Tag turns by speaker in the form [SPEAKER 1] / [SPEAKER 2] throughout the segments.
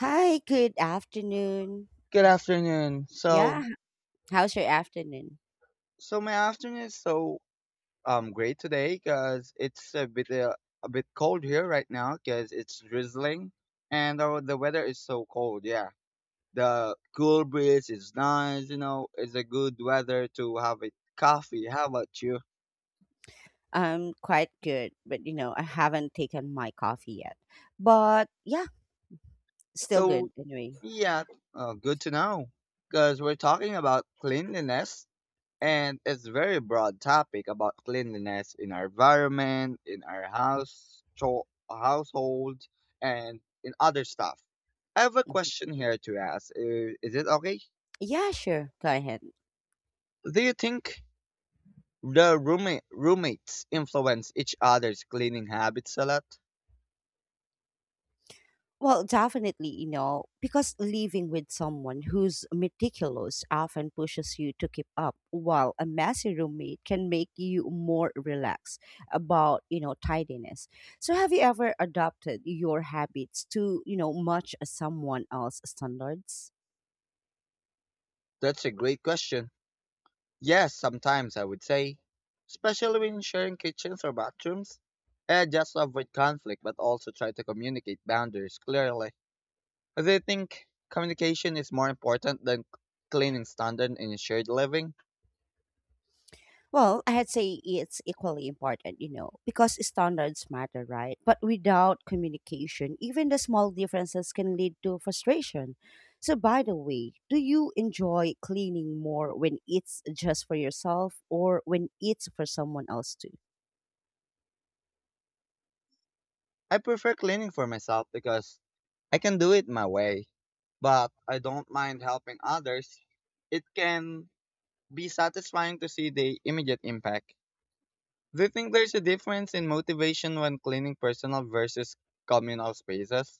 [SPEAKER 1] Hi, good afternoon.
[SPEAKER 2] Good afternoon. So,
[SPEAKER 1] Yeah, h- How's your afternoon?
[SPEAKER 2] so my afternoon is so great today because it's a bit cold here right now because it's drizzling and the weather is so cold. Yeah, the cool breeze is nice. You know, it's a good weather to have a coffee. How about you?
[SPEAKER 1] Quite good, but you know, I haven't taken my coffee yet. But yeah, still
[SPEAKER 2] So
[SPEAKER 1] good anyway.
[SPEAKER 2] yeah, good to know because we're talking about cleanliness and it's very broad topic about cleanliness in our environment, in our house, household, and in other stuff. I have a
[SPEAKER 1] Mhm.
[SPEAKER 2] question here to ask. Is it okay?
[SPEAKER 1] Yeah, sure. Go ahead.
[SPEAKER 2] Do you think the roommates influence each other's cleaning habits a lot?
[SPEAKER 1] Well, definitely, you know, because living with someone who's meticulous often pushes you to keep up, while a messy roommate can make you more relaxed about, you know, tidiness. So, have you ever adopted your habits to, you know, match someone else's standards?
[SPEAKER 2] That's a great question. Yes, sometimes I would say, especially when sharing kitchens or bathrooms. I just avoid conflict, but also try to communicate boundaries clearly. As I think communication is more important than cleaning standard in shared living,
[SPEAKER 1] Well, I'd say it's equally important, you know, because standards matter, right? But without communication, even the small differences can lead to frustration. So, by the way, do you enjoy cleaning more when it's just for yourself or when it's for someone else too?
[SPEAKER 2] I prefer cleaning for myself because I can do it my way, but I don't mind helping others. It can be satisfying to see the immediate impact. Do you think there's a difference in motivation when cleaning personal versus communal spaces?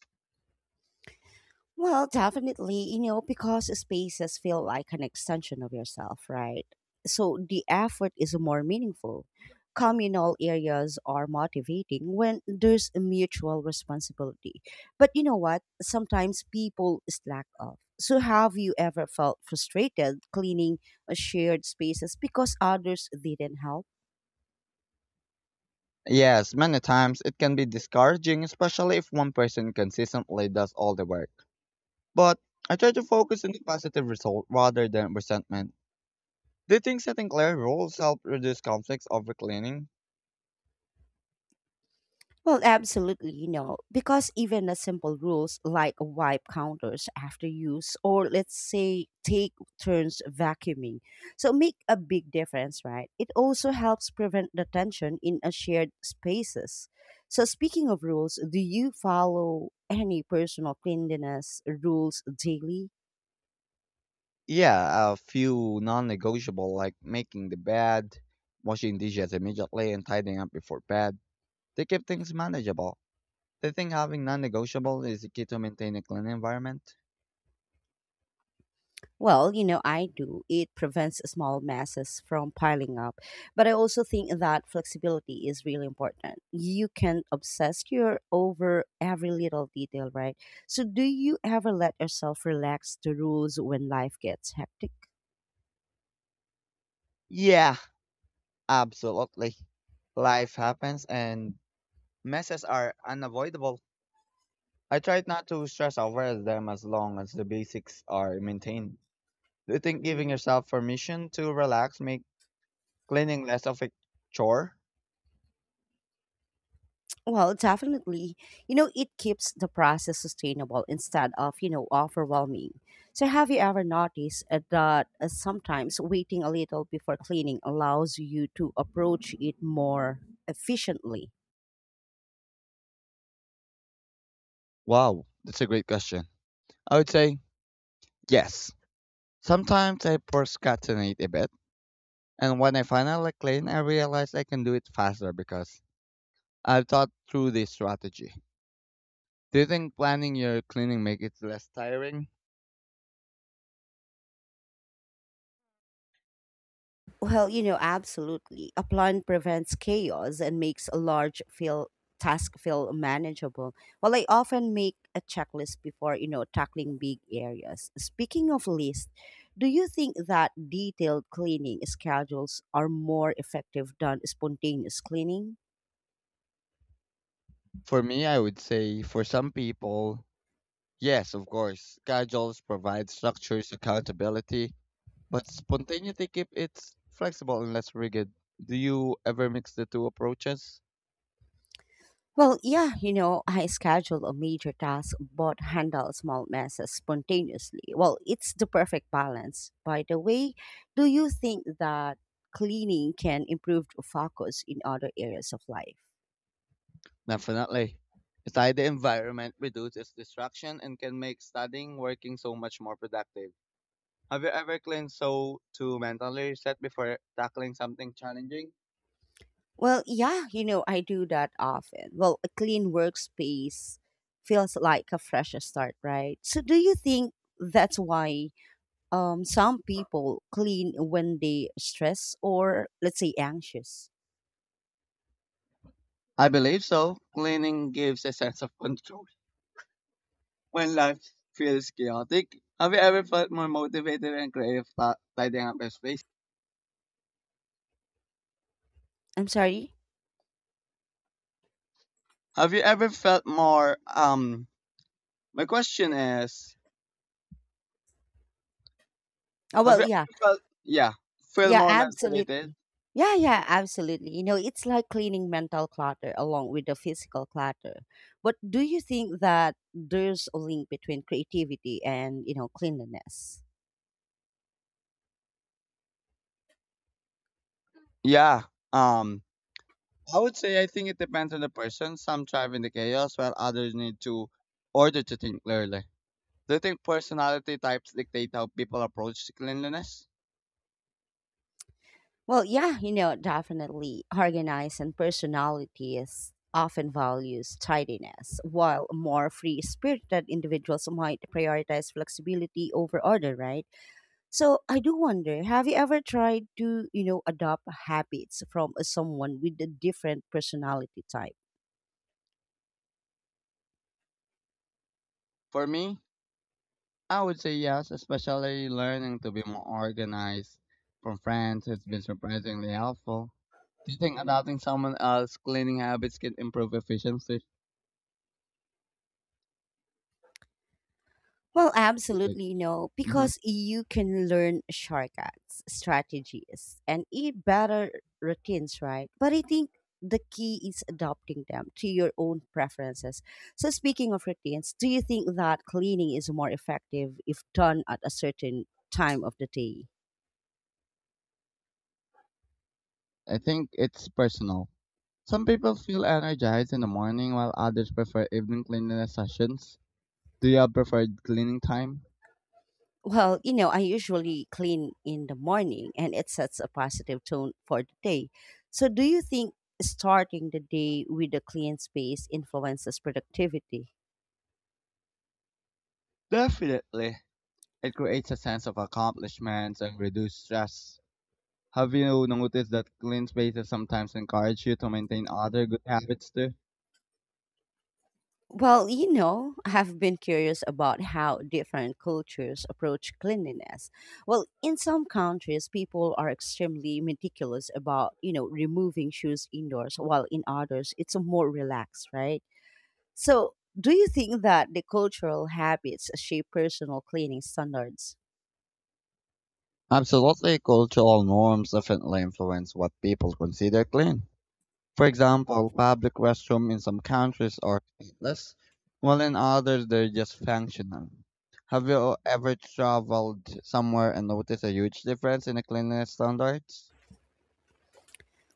[SPEAKER 1] Well, definitely, you know, because spaces feel like an extension of yourself, right? So the effort is more meaningful. Communal areas are motivating when there's a mutual responsibility. But you know what? Sometimes people slack off. So, have you ever felt frustrated cleaning a shared spaces because others didn't help?
[SPEAKER 2] Yes, many times it can be discouraging, especially if one person consistently does all the work. But I try to focus on the positive result rather than resentment. Do you think setting clear rules help reduce conflicts over cleaning?
[SPEAKER 1] Well, absolutely, you know, because even the simple rules like wipe counters after use or let's say take turns vacuuming. So make a big difference, right? It also helps prevent the tension in a shared spaces. So speaking of rules, do you follow any personal cleanliness rules daily?
[SPEAKER 2] Yeah, a few non negotiable like making the bed, washing dishes immediately, and tidying up before bed. They keep things manageable. Do you think having non negotiable is the key to maintain a clean environment?
[SPEAKER 1] Well, you know, I do. It prevents small masses from piling up. But I also think that flexibility is really important. You can obsess your over every little detail, right? So do you ever let yourself relax the rules when life gets hectic?
[SPEAKER 2] Yeah, absolutely. Life happens and messes are unavoidable. I try not to stress over them as long as the basics are maintained. Do you think giving yourself permission to relax make cleaning less of a chore?
[SPEAKER 1] Well, definitely. You know, it keeps the process sustainable instead of, you know, overwhelming. So, have you ever noticed that sometimes waiting a little before cleaning allows you to approach it more efficiently?
[SPEAKER 2] Wow, that's a great question. I would say yes. Sometimes I procrastinate a bit, and when I finally clean, I realize I can do it faster because I've thought through the strategy. Do you think planning your cleaning make it less tiring?
[SPEAKER 1] Well, you know, absolutely. A plan prevents chaos and makes a large feel task feel manageable. Well, I often make a checklist before, you know, tackling big areas. Speaking of list, do you think that detailed cleaning schedules are more effective than spontaneous cleaning?
[SPEAKER 2] For me, I would say for some people, yes, of course. Schedules provide structures, accountability, but spontaneity keeps it flexible and less rigid. Do you ever mix the two approaches?
[SPEAKER 1] Well, yeah, you know, I schedule a major task but handle small messes spontaneously. Well, it's the perfect balance. By the way, do you think that cleaning can improve focus in other areas of life?
[SPEAKER 2] Definitely. It's like the environment reduces distraction and can make studying working so much more productive. Have you ever cleaned so to mentally reset before tackling something challenging?
[SPEAKER 1] Well, yeah, you know, I do that often. Well, a clean workspace feels like a fresh start, right? So, do you think that's why some people clean when they stress or, let's say, anxious?
[SPEAKER 2] I believe so. Cleaning gives a sense of control when life feels chaotic. Have you ever felt more motivated and creative tidying up your space?
[SPEAKER 1] I'm sorry?
[SPEAKER 2] Have you ever felt more my question is
[SPEAKER 1] Oh,
[SPEAKER 2] have
[SPEAKER 1] well,
[SPEAKER 2] you
[SPEAKER 1] yeah.
[SPEAKER 2] ever felt yeah, feel
[SPEAKER 1] Yeah,
[SPEAKER 2] more motivated?
[SPEAKER 1] absolutely. Yeah, yeah, absolutely. You know, it's like cleaning mental clutter along with the physical clutter. But do you think that there's a link between creativity and, you know, cleanliness?
[SPEAKER 2] Yeah. Um I would say I think it depends on the person. Some thrive in the chaos while others need to order to think clearly. Do you think personality types dictate how people approach cleanliness?
[SPEAKER 1] Well, yeah, you know, definitely. Organized and personality is often values tidiness, while more free spirited individuals might prioritize flexibility over order, right? So I do wonder, have you ever tried to, you know, adopt habits from someone with a different personality type?
[SPEAKER 2] For me, I would say yes, especially learning to be more organized from friends. It's been surprisingly helpful. Do you think adopting someone else's cleaning habits can improve efficiency?
[SPEAKER 1] Well, absolutely no,
[SPEAKER 2] Mm-hmm.
[SPEAKER 1] because you can learn shortcuts, strategies, and eat better routines, right? But I think the key is adopting them to your own preferences. So speaking of routines, do you think that cleaning is more effective if done at a certain time of the day?
[SPEAKER 2] I think it's personal. Some people feel energized in the morning while others prefer evening cleanliness sessions. Do you have preferred cleaning time?
[SPEAKER 1] Well, you know, I usually clean in the morning and it sets a positive tone for the day. So, do you think starting the day with a clean space influences productivity?
[SPEAKER 2] Definitely. It creates a sense of accomplishment and reduced stress. Have you noticed that clean spaces sometimes encourage you to maintain other good habits too?
[SPEAKER 1] Well, you know, I have been curious about how different cultures approach cleanliness. Well, in some countries, people are extremely meticulous about, you know, removing shoes indoors, while in others, it's more relaxed, right? So, do you think that the cultural habits shape personal cleaning standards?
[SPEAKER 2] Absolutely, cultural norms definitely influence what people consider clean. For example, public restrooms in some countries are cleanless, while in others they're just functional. Have you ever traveled somewhere and noticed a huge difference in the cleanliness standards?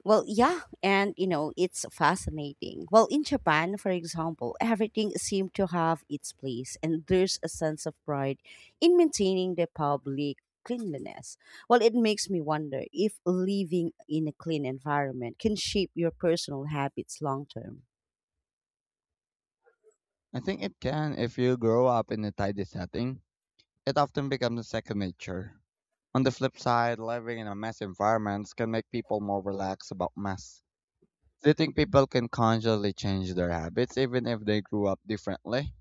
[SPEAKER 1] Well, yeah, and you know, it's fascinating. Well, in Japan, for example, everything seemed to have its place, and there's a sense of pride in maintaining the public cleanliness. Well, it makes me wonder if living in a clean environment can shape your personal habits long term.
[SPEAKER 2] I think it can if you grow up in a tidy setting. It often becomes second nature. On the flip side, living in a messy environment can make people more relaxed about mess. Do you think people can consciously change their habits even if they grew up differently?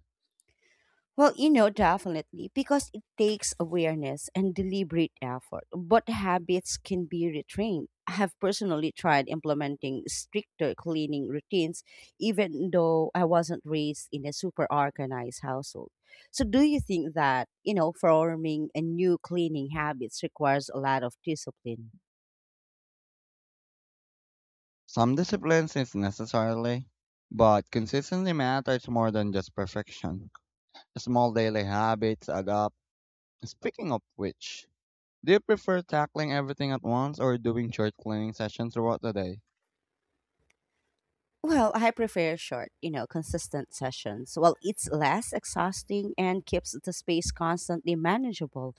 [SPEAKER 1] Well, you know, definitely, because it takes awareness and deliberate effort, but habits can be retrained. I have personally tried implementing stricter cleaning routines, even though I wasn't raised in a super organized household. So, do you think that, you know, forming a new cleaning habits requires a lot of discipline?
[SPEAKER 2] Some disciplines is necessarily, but consistency matters more than just perfection. Small daily habits add up. Speaking of which, do you prefer tackling everything at once or doing short cleaning sessions throughout the day?
[SPEAKER 1] Well, I prefer short, you know, consistent sessions. Well, it's less exhausting and keeps the space constantly manageable.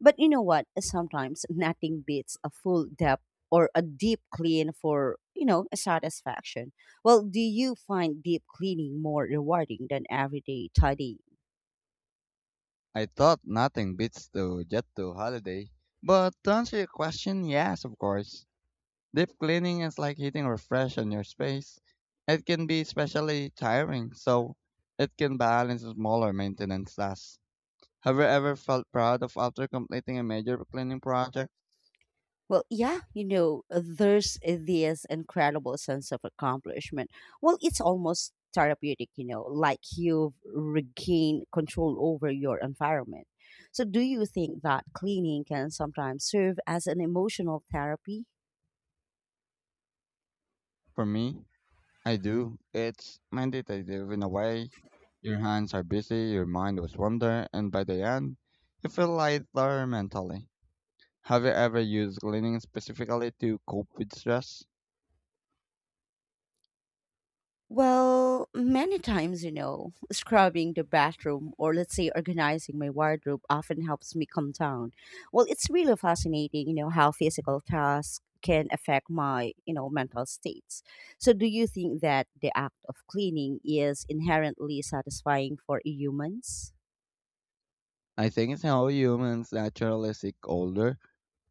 [SPEAKER 1] But you know what? Sometimes nothing beats a full depth or a deep clean for, you know, satisfaction. Well, do you find deep cleaning more rewarding than everyday tidying?
[SPEAKER 2] I thought nothing beats to jet to holiday. But to answer your question, yes, of course. Deep cleaning is like hitting refresh on your space. It can be especially tiring, so it can balance smaller maintenance tasks. Have you ever felt proud of after completing a major cleaning project?
[SPEAKER 1] Well, yeah, you know, there's this incredible sense of accomplishment. Well, it's almost therapeutic, you know, like you've regained control over your environment. So, do you think that cleaning can sometimes serve as an emotional therapy?
[SPEAKER 2] For me, I do. It's meditative in a way. Your hands are busy, your mind was wander, and by the end, you feel lighter mentally. Have you ever used cleaning specifically to cope with stress?
[SPEAKER 1] Well, many times, you know, scrubbing the bathroom or let's say organizing my wardrobe often helps me calm down. Well, it's really fascinating, you know, how physical tasks can affect my, you know, mental states. So, do you think that the act of cleaning is inherently satisfying for humans?
[SPEAKER 2] I think it's how humans naturally seek older,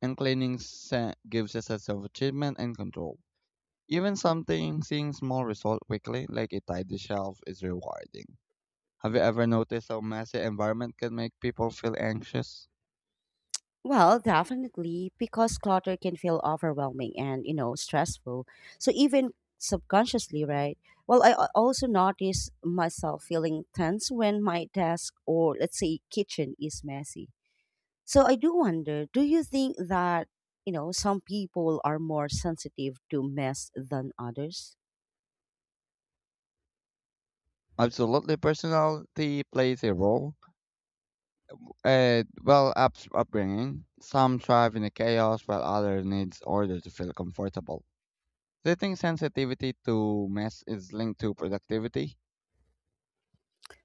[SPEAKER 2] and gives us a sense of achievement and control. Even something seeing small result quickly, like a tidy shelf, is rewarding. Have you ever noticed how messy environment can make people feel anxious?
[SPEAKER 1] Well, definitely, because clutter can feel overwhelming and, you know, stressful. So even subconsciously, right? Well, I also notice myself feeling tense when my desk or, let's say, kitchen is messy. So I do wonder, do you think that, you know, some people are more sensitive to mess than others?
[SPEAKER 2] Absolutely, personality plays a role. Well, upbringing. Some thrive in the chaos, while others needs order to feel comfortable. Do you think sensitivity to mess is linked to productivity?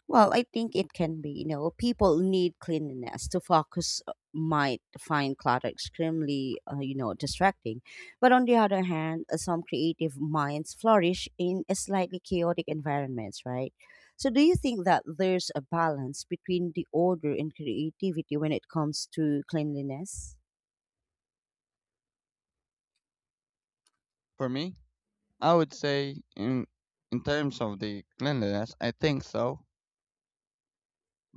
[SPEAKER 1] Well, I think it can be. You know, people need cleanliness to focus. Might find clutter extremely, you know, distracting. But on the other hand, some creative minds flourish in a slightly chaotic environments, right? So, do you think that there's a balance between the order and creativity when it comes to cleanliness?
[SPEAKER 2] For me, I would say in terms of the cleanliness, I think so.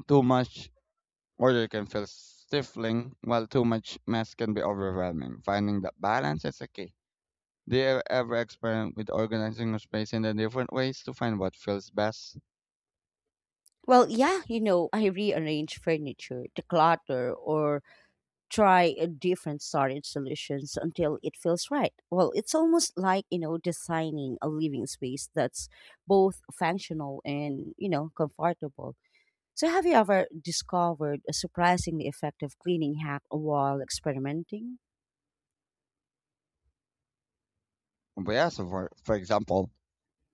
[SPEAKER 2] Too much order can feel stifling, while too much mess can be overwhelming. Finding that balance is a key. Do you ever experiment with organizing your space in the different ways to find what feels best?
[SPEAKER 1] Well, yeah, you know, I rearrange furniture, declutter, or try a different storage solutions until it feels right. Well, it's almost like, you know, designing a living space that's both functional and, you know, comfortable. So have you ever discovered a surprisingly effective cleaning hack while experimenting?
[SPEAKER 2] Yes, for example,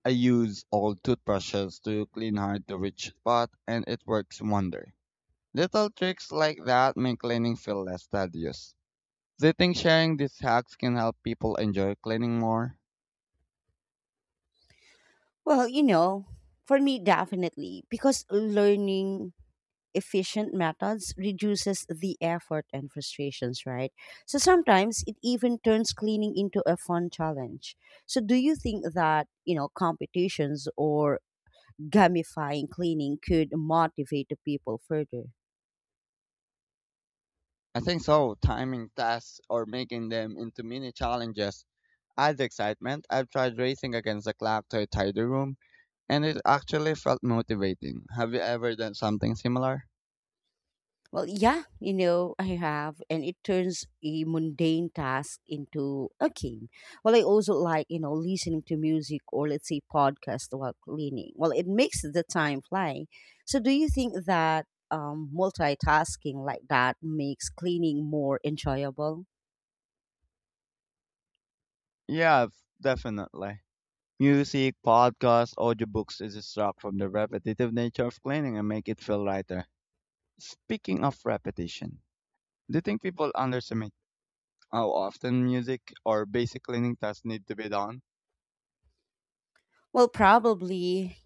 [SPEAKER 2] I use old toothbrushes to clean hard to reach spot and it works wonder. Little tricks like that make cleaning feel less tedious. Do you think sharing these hacks can help people enjoy cleaning more?
[SPEAKER 1] Well, you know, for me definitely because learning efficient methods reduces the effort and frustrations, right? So sometimes it even turns cleaning into a fun challenge. So do you think that, you know, competitions or gamifying cleaning could motivate the people further?
[SPEAKER 2] I think so. Timing tasks or making them into mini challenges adds excitement. I've tried racing against the clock to a tidy room, and it actually felt motivating. Have you ever done something similar?
[SPEAKER 1] Well, yeah, you know, I have, and it turns a mundane task into a game. Well, I also like, you know, listening to music or let's say podcast while cleaning. Well, it makes the time fly. So, do you think that multitasking like that makes cleaning more enjoyable?
[SPEAKER 2] Yeah, definitely. Music, podcasts, audiobooks is distract from the repetitive nature of cleaning and make it feel lighter. Speaking of repetition, do you think people underestimate how often music or basic cleaning tasks need to be done?
[SPEAKER 1] Well, probably,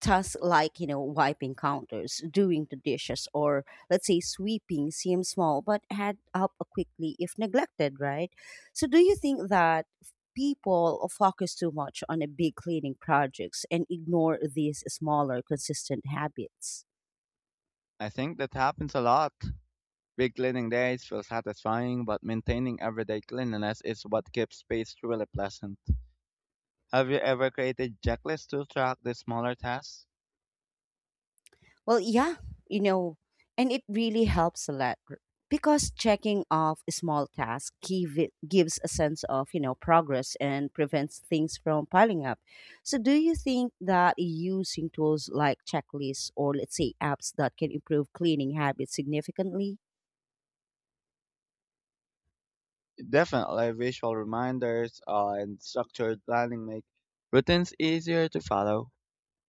[SPEAKER 1] tasks like you know wiping counters doing the dishes or let's say sweeping seem small but add up quickly if neglected right so do you think that people focus too much on a big cleaning projects and ignore these smaller consistent habits.
[SPEAKER 2] I think that happens a lot. Big cleaning days feel satisfying, but maintaining everyday cleanliness is what keeps space truly pleasant. Have you ever created checklists to track the smaller tasks?
[SPEAKER 1] Well, yeah, you know, and it really helps a lot because checking off small tasks gives a sense of, you know, progress and prevents things from piling up. So, do you think that using tools like checklists or let's say apps that can improve cleaning habits significantly?
[SPEAKER 2] Definitely, visual reminders and structured planning make routines easier to follow.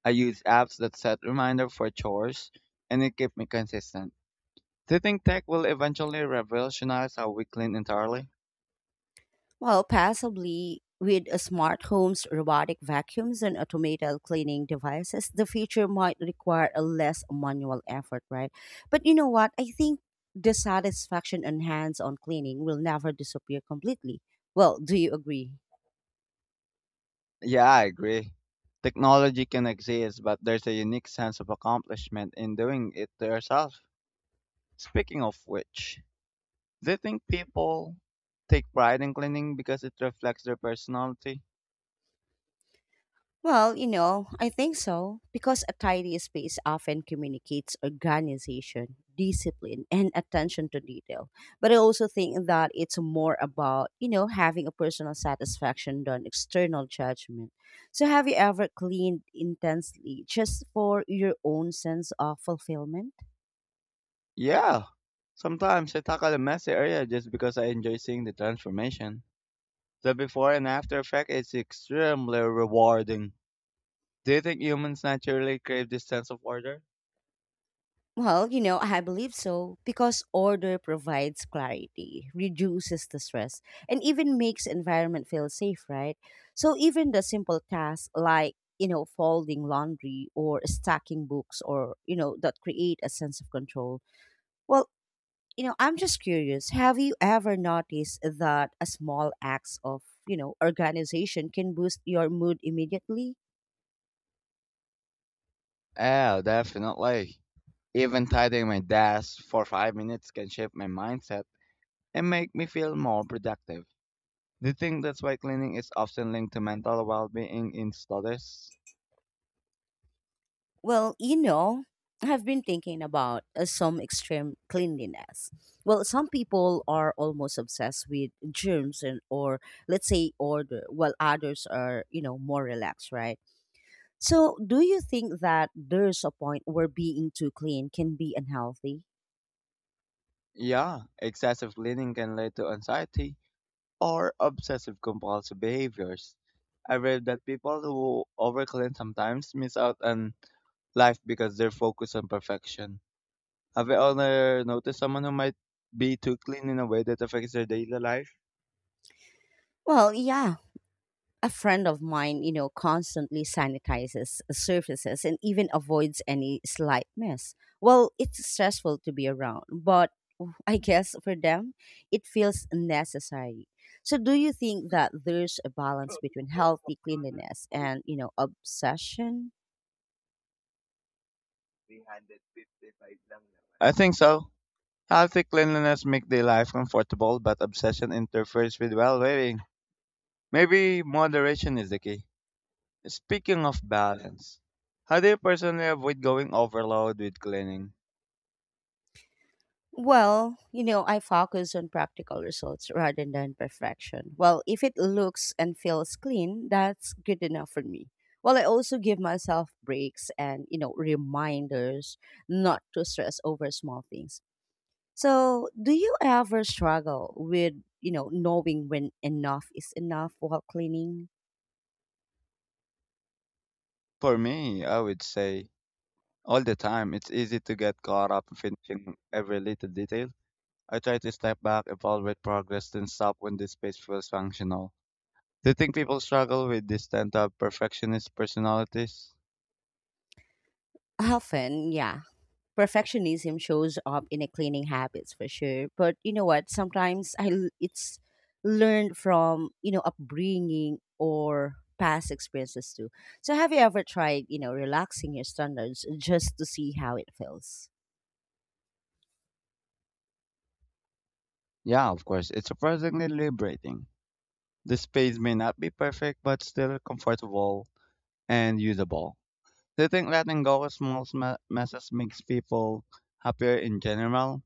[SPEAKER 2] I use apps that set reminder for chores, and it keep me consistent. Do you think tech will eventually revolutionize how we clean entirely?
[SPEAKER 1] Well, possibly with smart homes, robotic vacuums, and automated cleaning devices, the future might require a less manual effort, right? But you know what? I think the satisfaction and hands on cleaning will never disappear completely. Well, do you agree?
[SPEAKER 2] Yeah, I agree. Technology can exist, but there's a unique sense of accomplishment in doing it yourself. Speaking of which, do you think people take pride in cleaning because it reflects their personality?
[SPEAKER 1] Well, you know, I think so because a tidy space often communicates organization, discipline, and attention to detail. But I also think that it's more about, you know, having a personal satisfaction than external judgment. So, have you ever cleaned intensely just for your own sense of fulfillment?
[SPEAKER 2] Yeah. Sometimes I tackle a messy area just because I enjoy seeing the transformation. The before and after effect is extremely rewarding. Do you think humans naturally crave this sense of order?
[SPEAKER 1] Well, you know, I believe so because order provides clarity, reduces the stress, and even makes environment feel safe, right? So even the simple tasks like, you know, folding laundry or stacking books or, you know, that create a sense of control. Well, you know, I'm just curious, have you ever noticed that a small acts of, you know, organization can boost your mood immediately?
[SPEAKER 2] Oh, definitely. Even tidying my desk for 5 minutes can shift my mindset and make me feel more productive. Do you think that's why cleaning is often linked to mental well being in studies?
[SPEAKER 1] Well, you know, I've been thinking about some extreme cleanliness. Well, some people are almost obsessed with germs and or let's say order, while others are, you know, more relaxed, right? So, do you think that there's a point where being too clean can be unhealthy?
[SPEAKER 2] Yeah, excessive cleaning can lead to anxiety or obsessive compulsive behaviors. I read that people who overclean sometimes miss out on life because they're focused on perfection. Have you ever noticed someone who might be too clean in a way that affects their daily life?
[SPEAKER 1] Well, yeah, a friend of mine, you know, constantly sanitizes surfaces and even avoids any slight mess. Well, it's stressful to be around, but I guess for them, it feels necessary. So, do you think that there's a balance between healthy cleanliness and, you know, obsession?
[SPEAKER 2] I think so. Healthy cleanliness makes their life comfortable, but obsession interferes with well-being. Maybe moderation is the key. Speaking of balance, how do you personally avoid going overload with cleaning?
[SPEAKER 1] Well, you know, I focus on practical results rather than perfection. Well, if it looks and feels clean, that's good enough for me. Well, I also give myself breaks and, you know, reminders not to stress over small things. So, do you ever struggle with, you know, knowing when enough is enough while cleaning?
[SPEAKER 2] For me, I would say all the time. It's easy to get caught up in finishing every little detail. I try to step back, evaluate progress, then stop when the space feels functional. Do you think people struggle with this tend to have perfectionist personalities?
[SPEAKER 1] Often, yeah. Perfectionism shows up in a cleaning habits for sure, but you know what, sometimes it's learned from, upbringing or past experiences too. So have you ever tried, relaxing your standards just to see how it feels?
[SPEAKER 2] Yeah, of course. It's surprisingly liberating. The space may not be perfect, but still comfortable and usable. Do you think letting go of small messes makes people happier in general?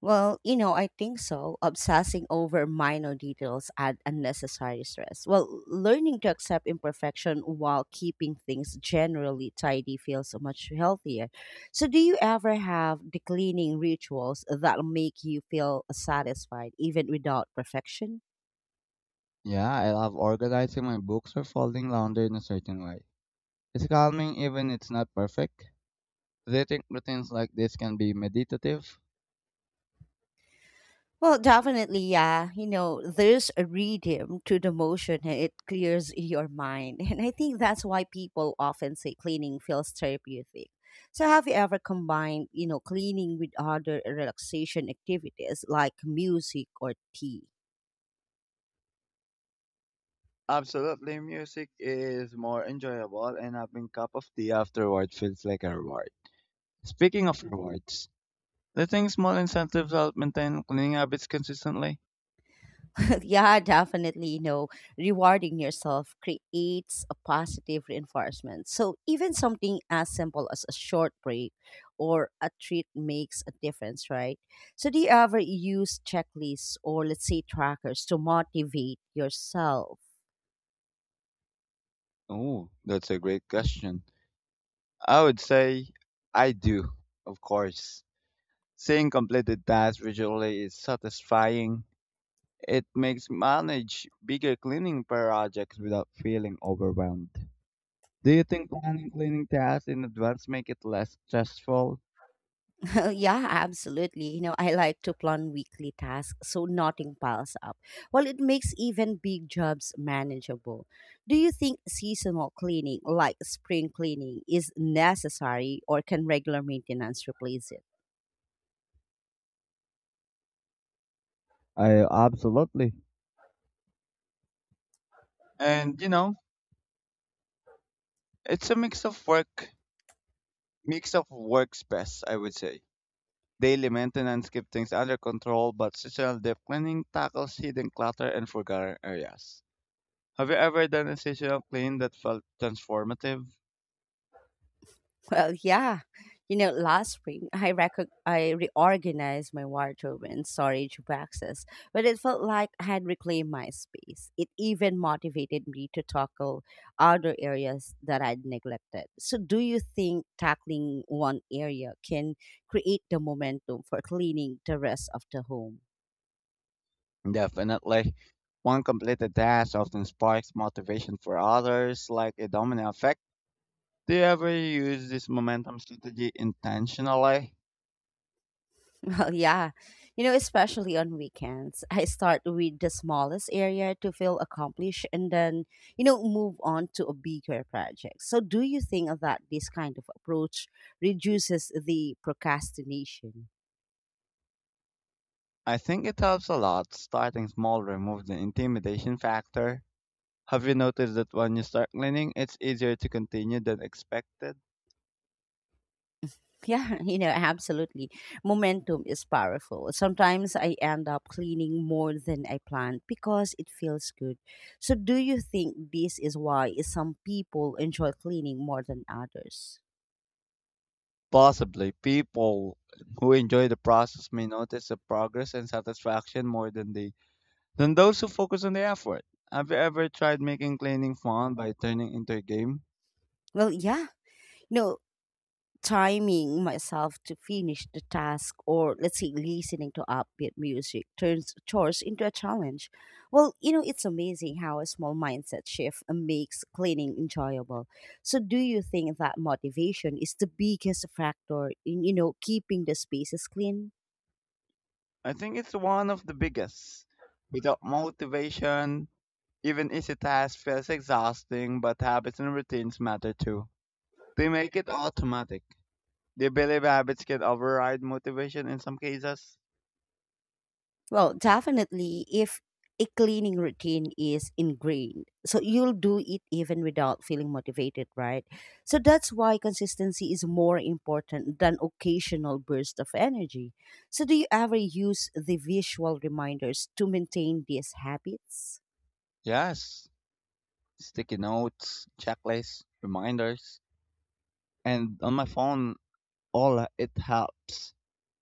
[SPEAKER 1] Well, I think so. Obsessing over minor details add unnecessary stress. Well, learning to accept imperfection while keeping things generally tidy feels so much healthier. So, do you ever have the cleaning rituals that make you feel satisfied even without perfection?
[SPEAKER 2] Yeah, I love organizing my books or folding laundry in a certain way. It's calming even it's not perfect. Do you think routines like this can be meditative?
[SPEAKER 1] Well, definitely, yeah. You know, there's a rhythm to the motion and it clears your mind. And I think that's why people often say cleaning feels therapeutic. So, have you ever combined, cleaning with other relaxation activities like music or tea?
[SPEAKER 2] Absolutely, music is more enjoyable and having cup of tea afterward feels like a reward. Speaking of rewards, do you think small incentives help maintain cleaning habits consistently?
[SPEAKER 1] Yeah, definitely. You know, rewarding yourself creates a positive reinforcement. So even something as simple as a short break or a treat makes a difference, right? So do you ever use checklists, or let's say trackers, to motivate yourself?
[SPEAKER 2] Oh, that's a great question. I would say I do, of course. Seeing completed tasks visually is satisfying. It makes manage bigger cleaning projects without feeling overwhelmed. Do you think planning cleaning tasks in advance make it less stressful?
[SPEAKER 1] Yeah, absolutely. You know, I like to plan weekly tasks so nothing piles up. Well, it makes even big jobs manageable. Do you think seasonal cleaning, like spring cleaning, is necessary, or can regular maintenance replace it?
[SPEAKER 2] I absolutely. And you know, it's a mix of work stress, I would say. Daily maintenance keeps things under control, but seasonal deep cleaning tackles hidden clutter and forgotten areas. Have you ever done a seasonal clean that felt transformative?
[SPEAKER 1] Well, yeah. You know, last spring I reorganized my wardrobe and storage boxes, but it felt like I had reclaimed my space. It even motivated me to tackle other areas that I'd neglected. So, do you think tackling one area can create the momentum for cleaning the rest of the home?
[SPEAKER 2] Definitely. One completed task often sparks motivation for others, like a domino effect. Do you ever use this momentum strategy intentionally?
[SPEAKER 1] Oh, yeah. You know, especially on weekends, I start with the smallest area to feel accomplished and then, move on to a bigger project. So, do you think that this kind of approach reduces the procrastination?
[SPEAKER 2] I think it helps a lot. Starting small removes the intimidation factor. Have you noticed that when you start cleaning, it's easier to continue than expected?
[SPEAKER 1] Yeah, absolutely. Momentum is powerful. Sometimes I end up cleaning more than I planned because it feels good. So, do you think this is why some people enjoy cleaning more than others?
[SPEAKER 2] Possibly. People who enjoy the process may notice the progress and satisfaction more than those who focus on the effort. Have you ever tried making cleaning fun by turning into a game?
[SPEAKER 1] Well, yeah. No, timing myself to finish the task, or let's say listening to upbeat music, turns chores into a challenge. Well, you know, it's amazing how a small mindset shift makes cleaning enjoyable. So do you think that motivation is the biggest factor in, keeping the spaces clean?
[SPEAKER 2] I think it's one of the biggest. Without motivation, even easy tasks feels exhausting, but habits and routines matter too. They make it automatic. Do you believe habits can override motivation in some cases?
[SPEAKER 1] Well, definitely, if a cleaning routine is ingrained. So you'll do it even without feeling motivated, right? So that's why consistency is more important than occasional bursts of energy. So do you ever use the visual reminders to maintain these habits?
[SPEAKER 2] Yes. Sticky notes, checklists, reminders, and on my phone, all it helps.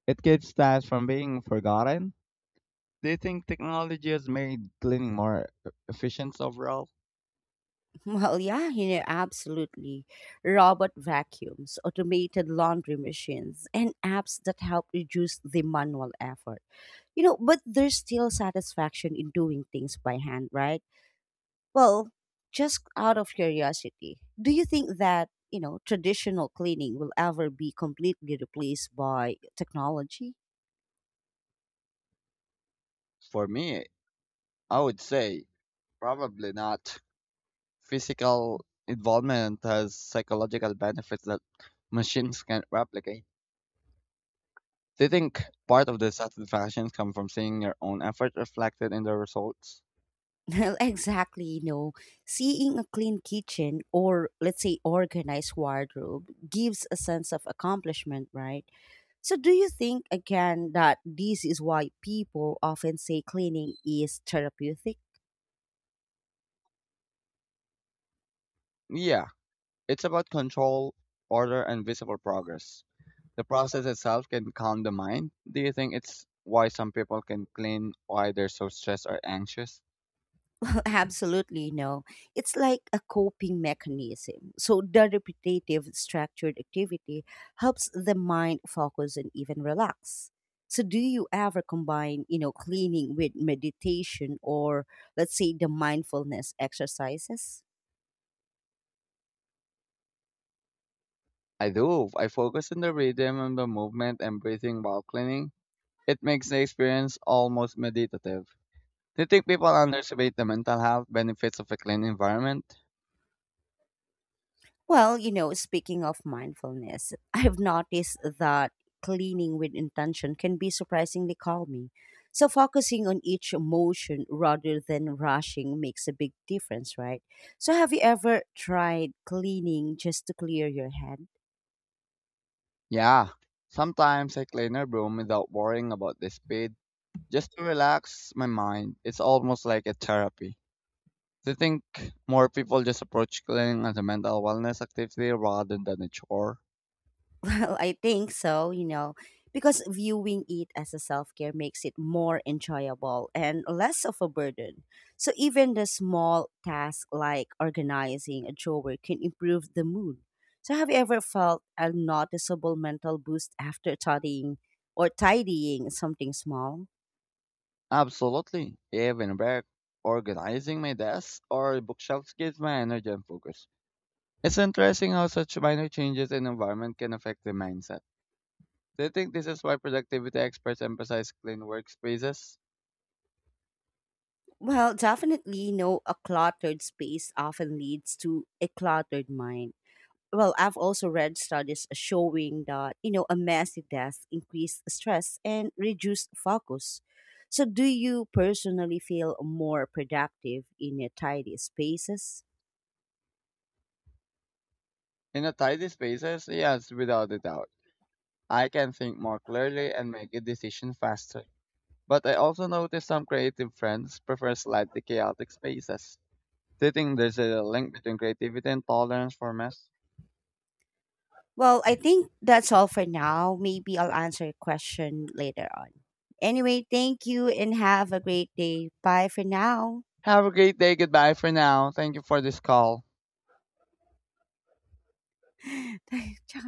[SPEAKER 2] It keeps tasks from being forgotten. Do you think technology has made cleaning more efficient overall?
[SPEAKER 1] Well, yeah, absolutely. Robot vacuums, automated laundry machines, and apps that help reduce the manual effort. You know, but there's still satisfaction in doing things by hand, right? Well, just out of curiosity, do you think that, traditional cleaning will ever be completely replaced by technology?
[SPEAKER 2] For me, I would say probably not. Physical involvement has psychological benefits that machines can't replicate. Do you think part of the satisfaction comes from seeing your own effort reflected in the results?
[SPEAKER 1] Well, exactly, seeing a clean kitchen, or let's say organized wardrobe, gives a sense of accomplishment, right? So do you think again that this is why people often say cleaning is therapeutic?
[SPEAKER 2] Yeah, it's about control, order, and visible progress. The process itself can calm the mind. Do you think it's why some people can clean why they're so stressed or anxious?
[SPEAKER 1] Absolutely no. It's like a coping mechanism. So the repetitive structured activity helps the mind focus and even relax. So do you ever combine, cleaning with meditation, or let's say the mindfulness exercises?
[SPEAKER 2] I do. I focus on the rhythm and the movement and breathing while cleaning. It makes the experience almost meditative. Do you think people underestimate the mental health benefits of a clean environment?
[SPEAKER 1] Well, you know, speaking of mindfulness, I've noticed that cleaning with intention can be surprisingly calming. So, focusing on each emotion rather than rushing makes a big difference, right? So, have you ever tried cleaning just to clear your head?
[SPEAKER 2] Yeah. Sometimes I clean a room without worrying about the speed, just to relax my mind. It's almost like a therapy. Do you think more people just approach cleaning as a mental wellness activity rather than a chore?
[SPEAKER 1] Well, I think so, because viewing it as a self care makes it more enjoyable and less of a burden. So even the small task like organizing a drawer can improve the mood. So have you ever felt a noticeable mental boost after tidying, or tidying something small?
[SPEAKER 2] Absolutely. Even back organizing my desk or bookshelves gives me energy and focus. It's interesting how such minor changes in environment can affect the mindset. Do you think this is why productivity experts emphasize clean workspaces?
[SPEAKER 1] Well, definitely, a cluttered space often leads to a cluttered mind. Well, I've also read studies showing that, a messy desk increased stress and reduced focus. So, do you personally feel more productive in a tidy spaces?
[SPEAKER 2] In a tidy spaces, yes, without a doubt. I can think more clearly and make a decision faster. But I also notice some creative friends prefer slightly chaotic spaces. Do you think there's a link between creativity and tolerance for mess?
[SPEAKER 1] Well, I think that's all for now. Maybe I'll answer your question later on. Anyway, thank you and have a great day. Bye for now.
[SPEAKER 2] Have a great day. Goodbye for now. Thank you for this call.
[SPEAKER 1] Tsaka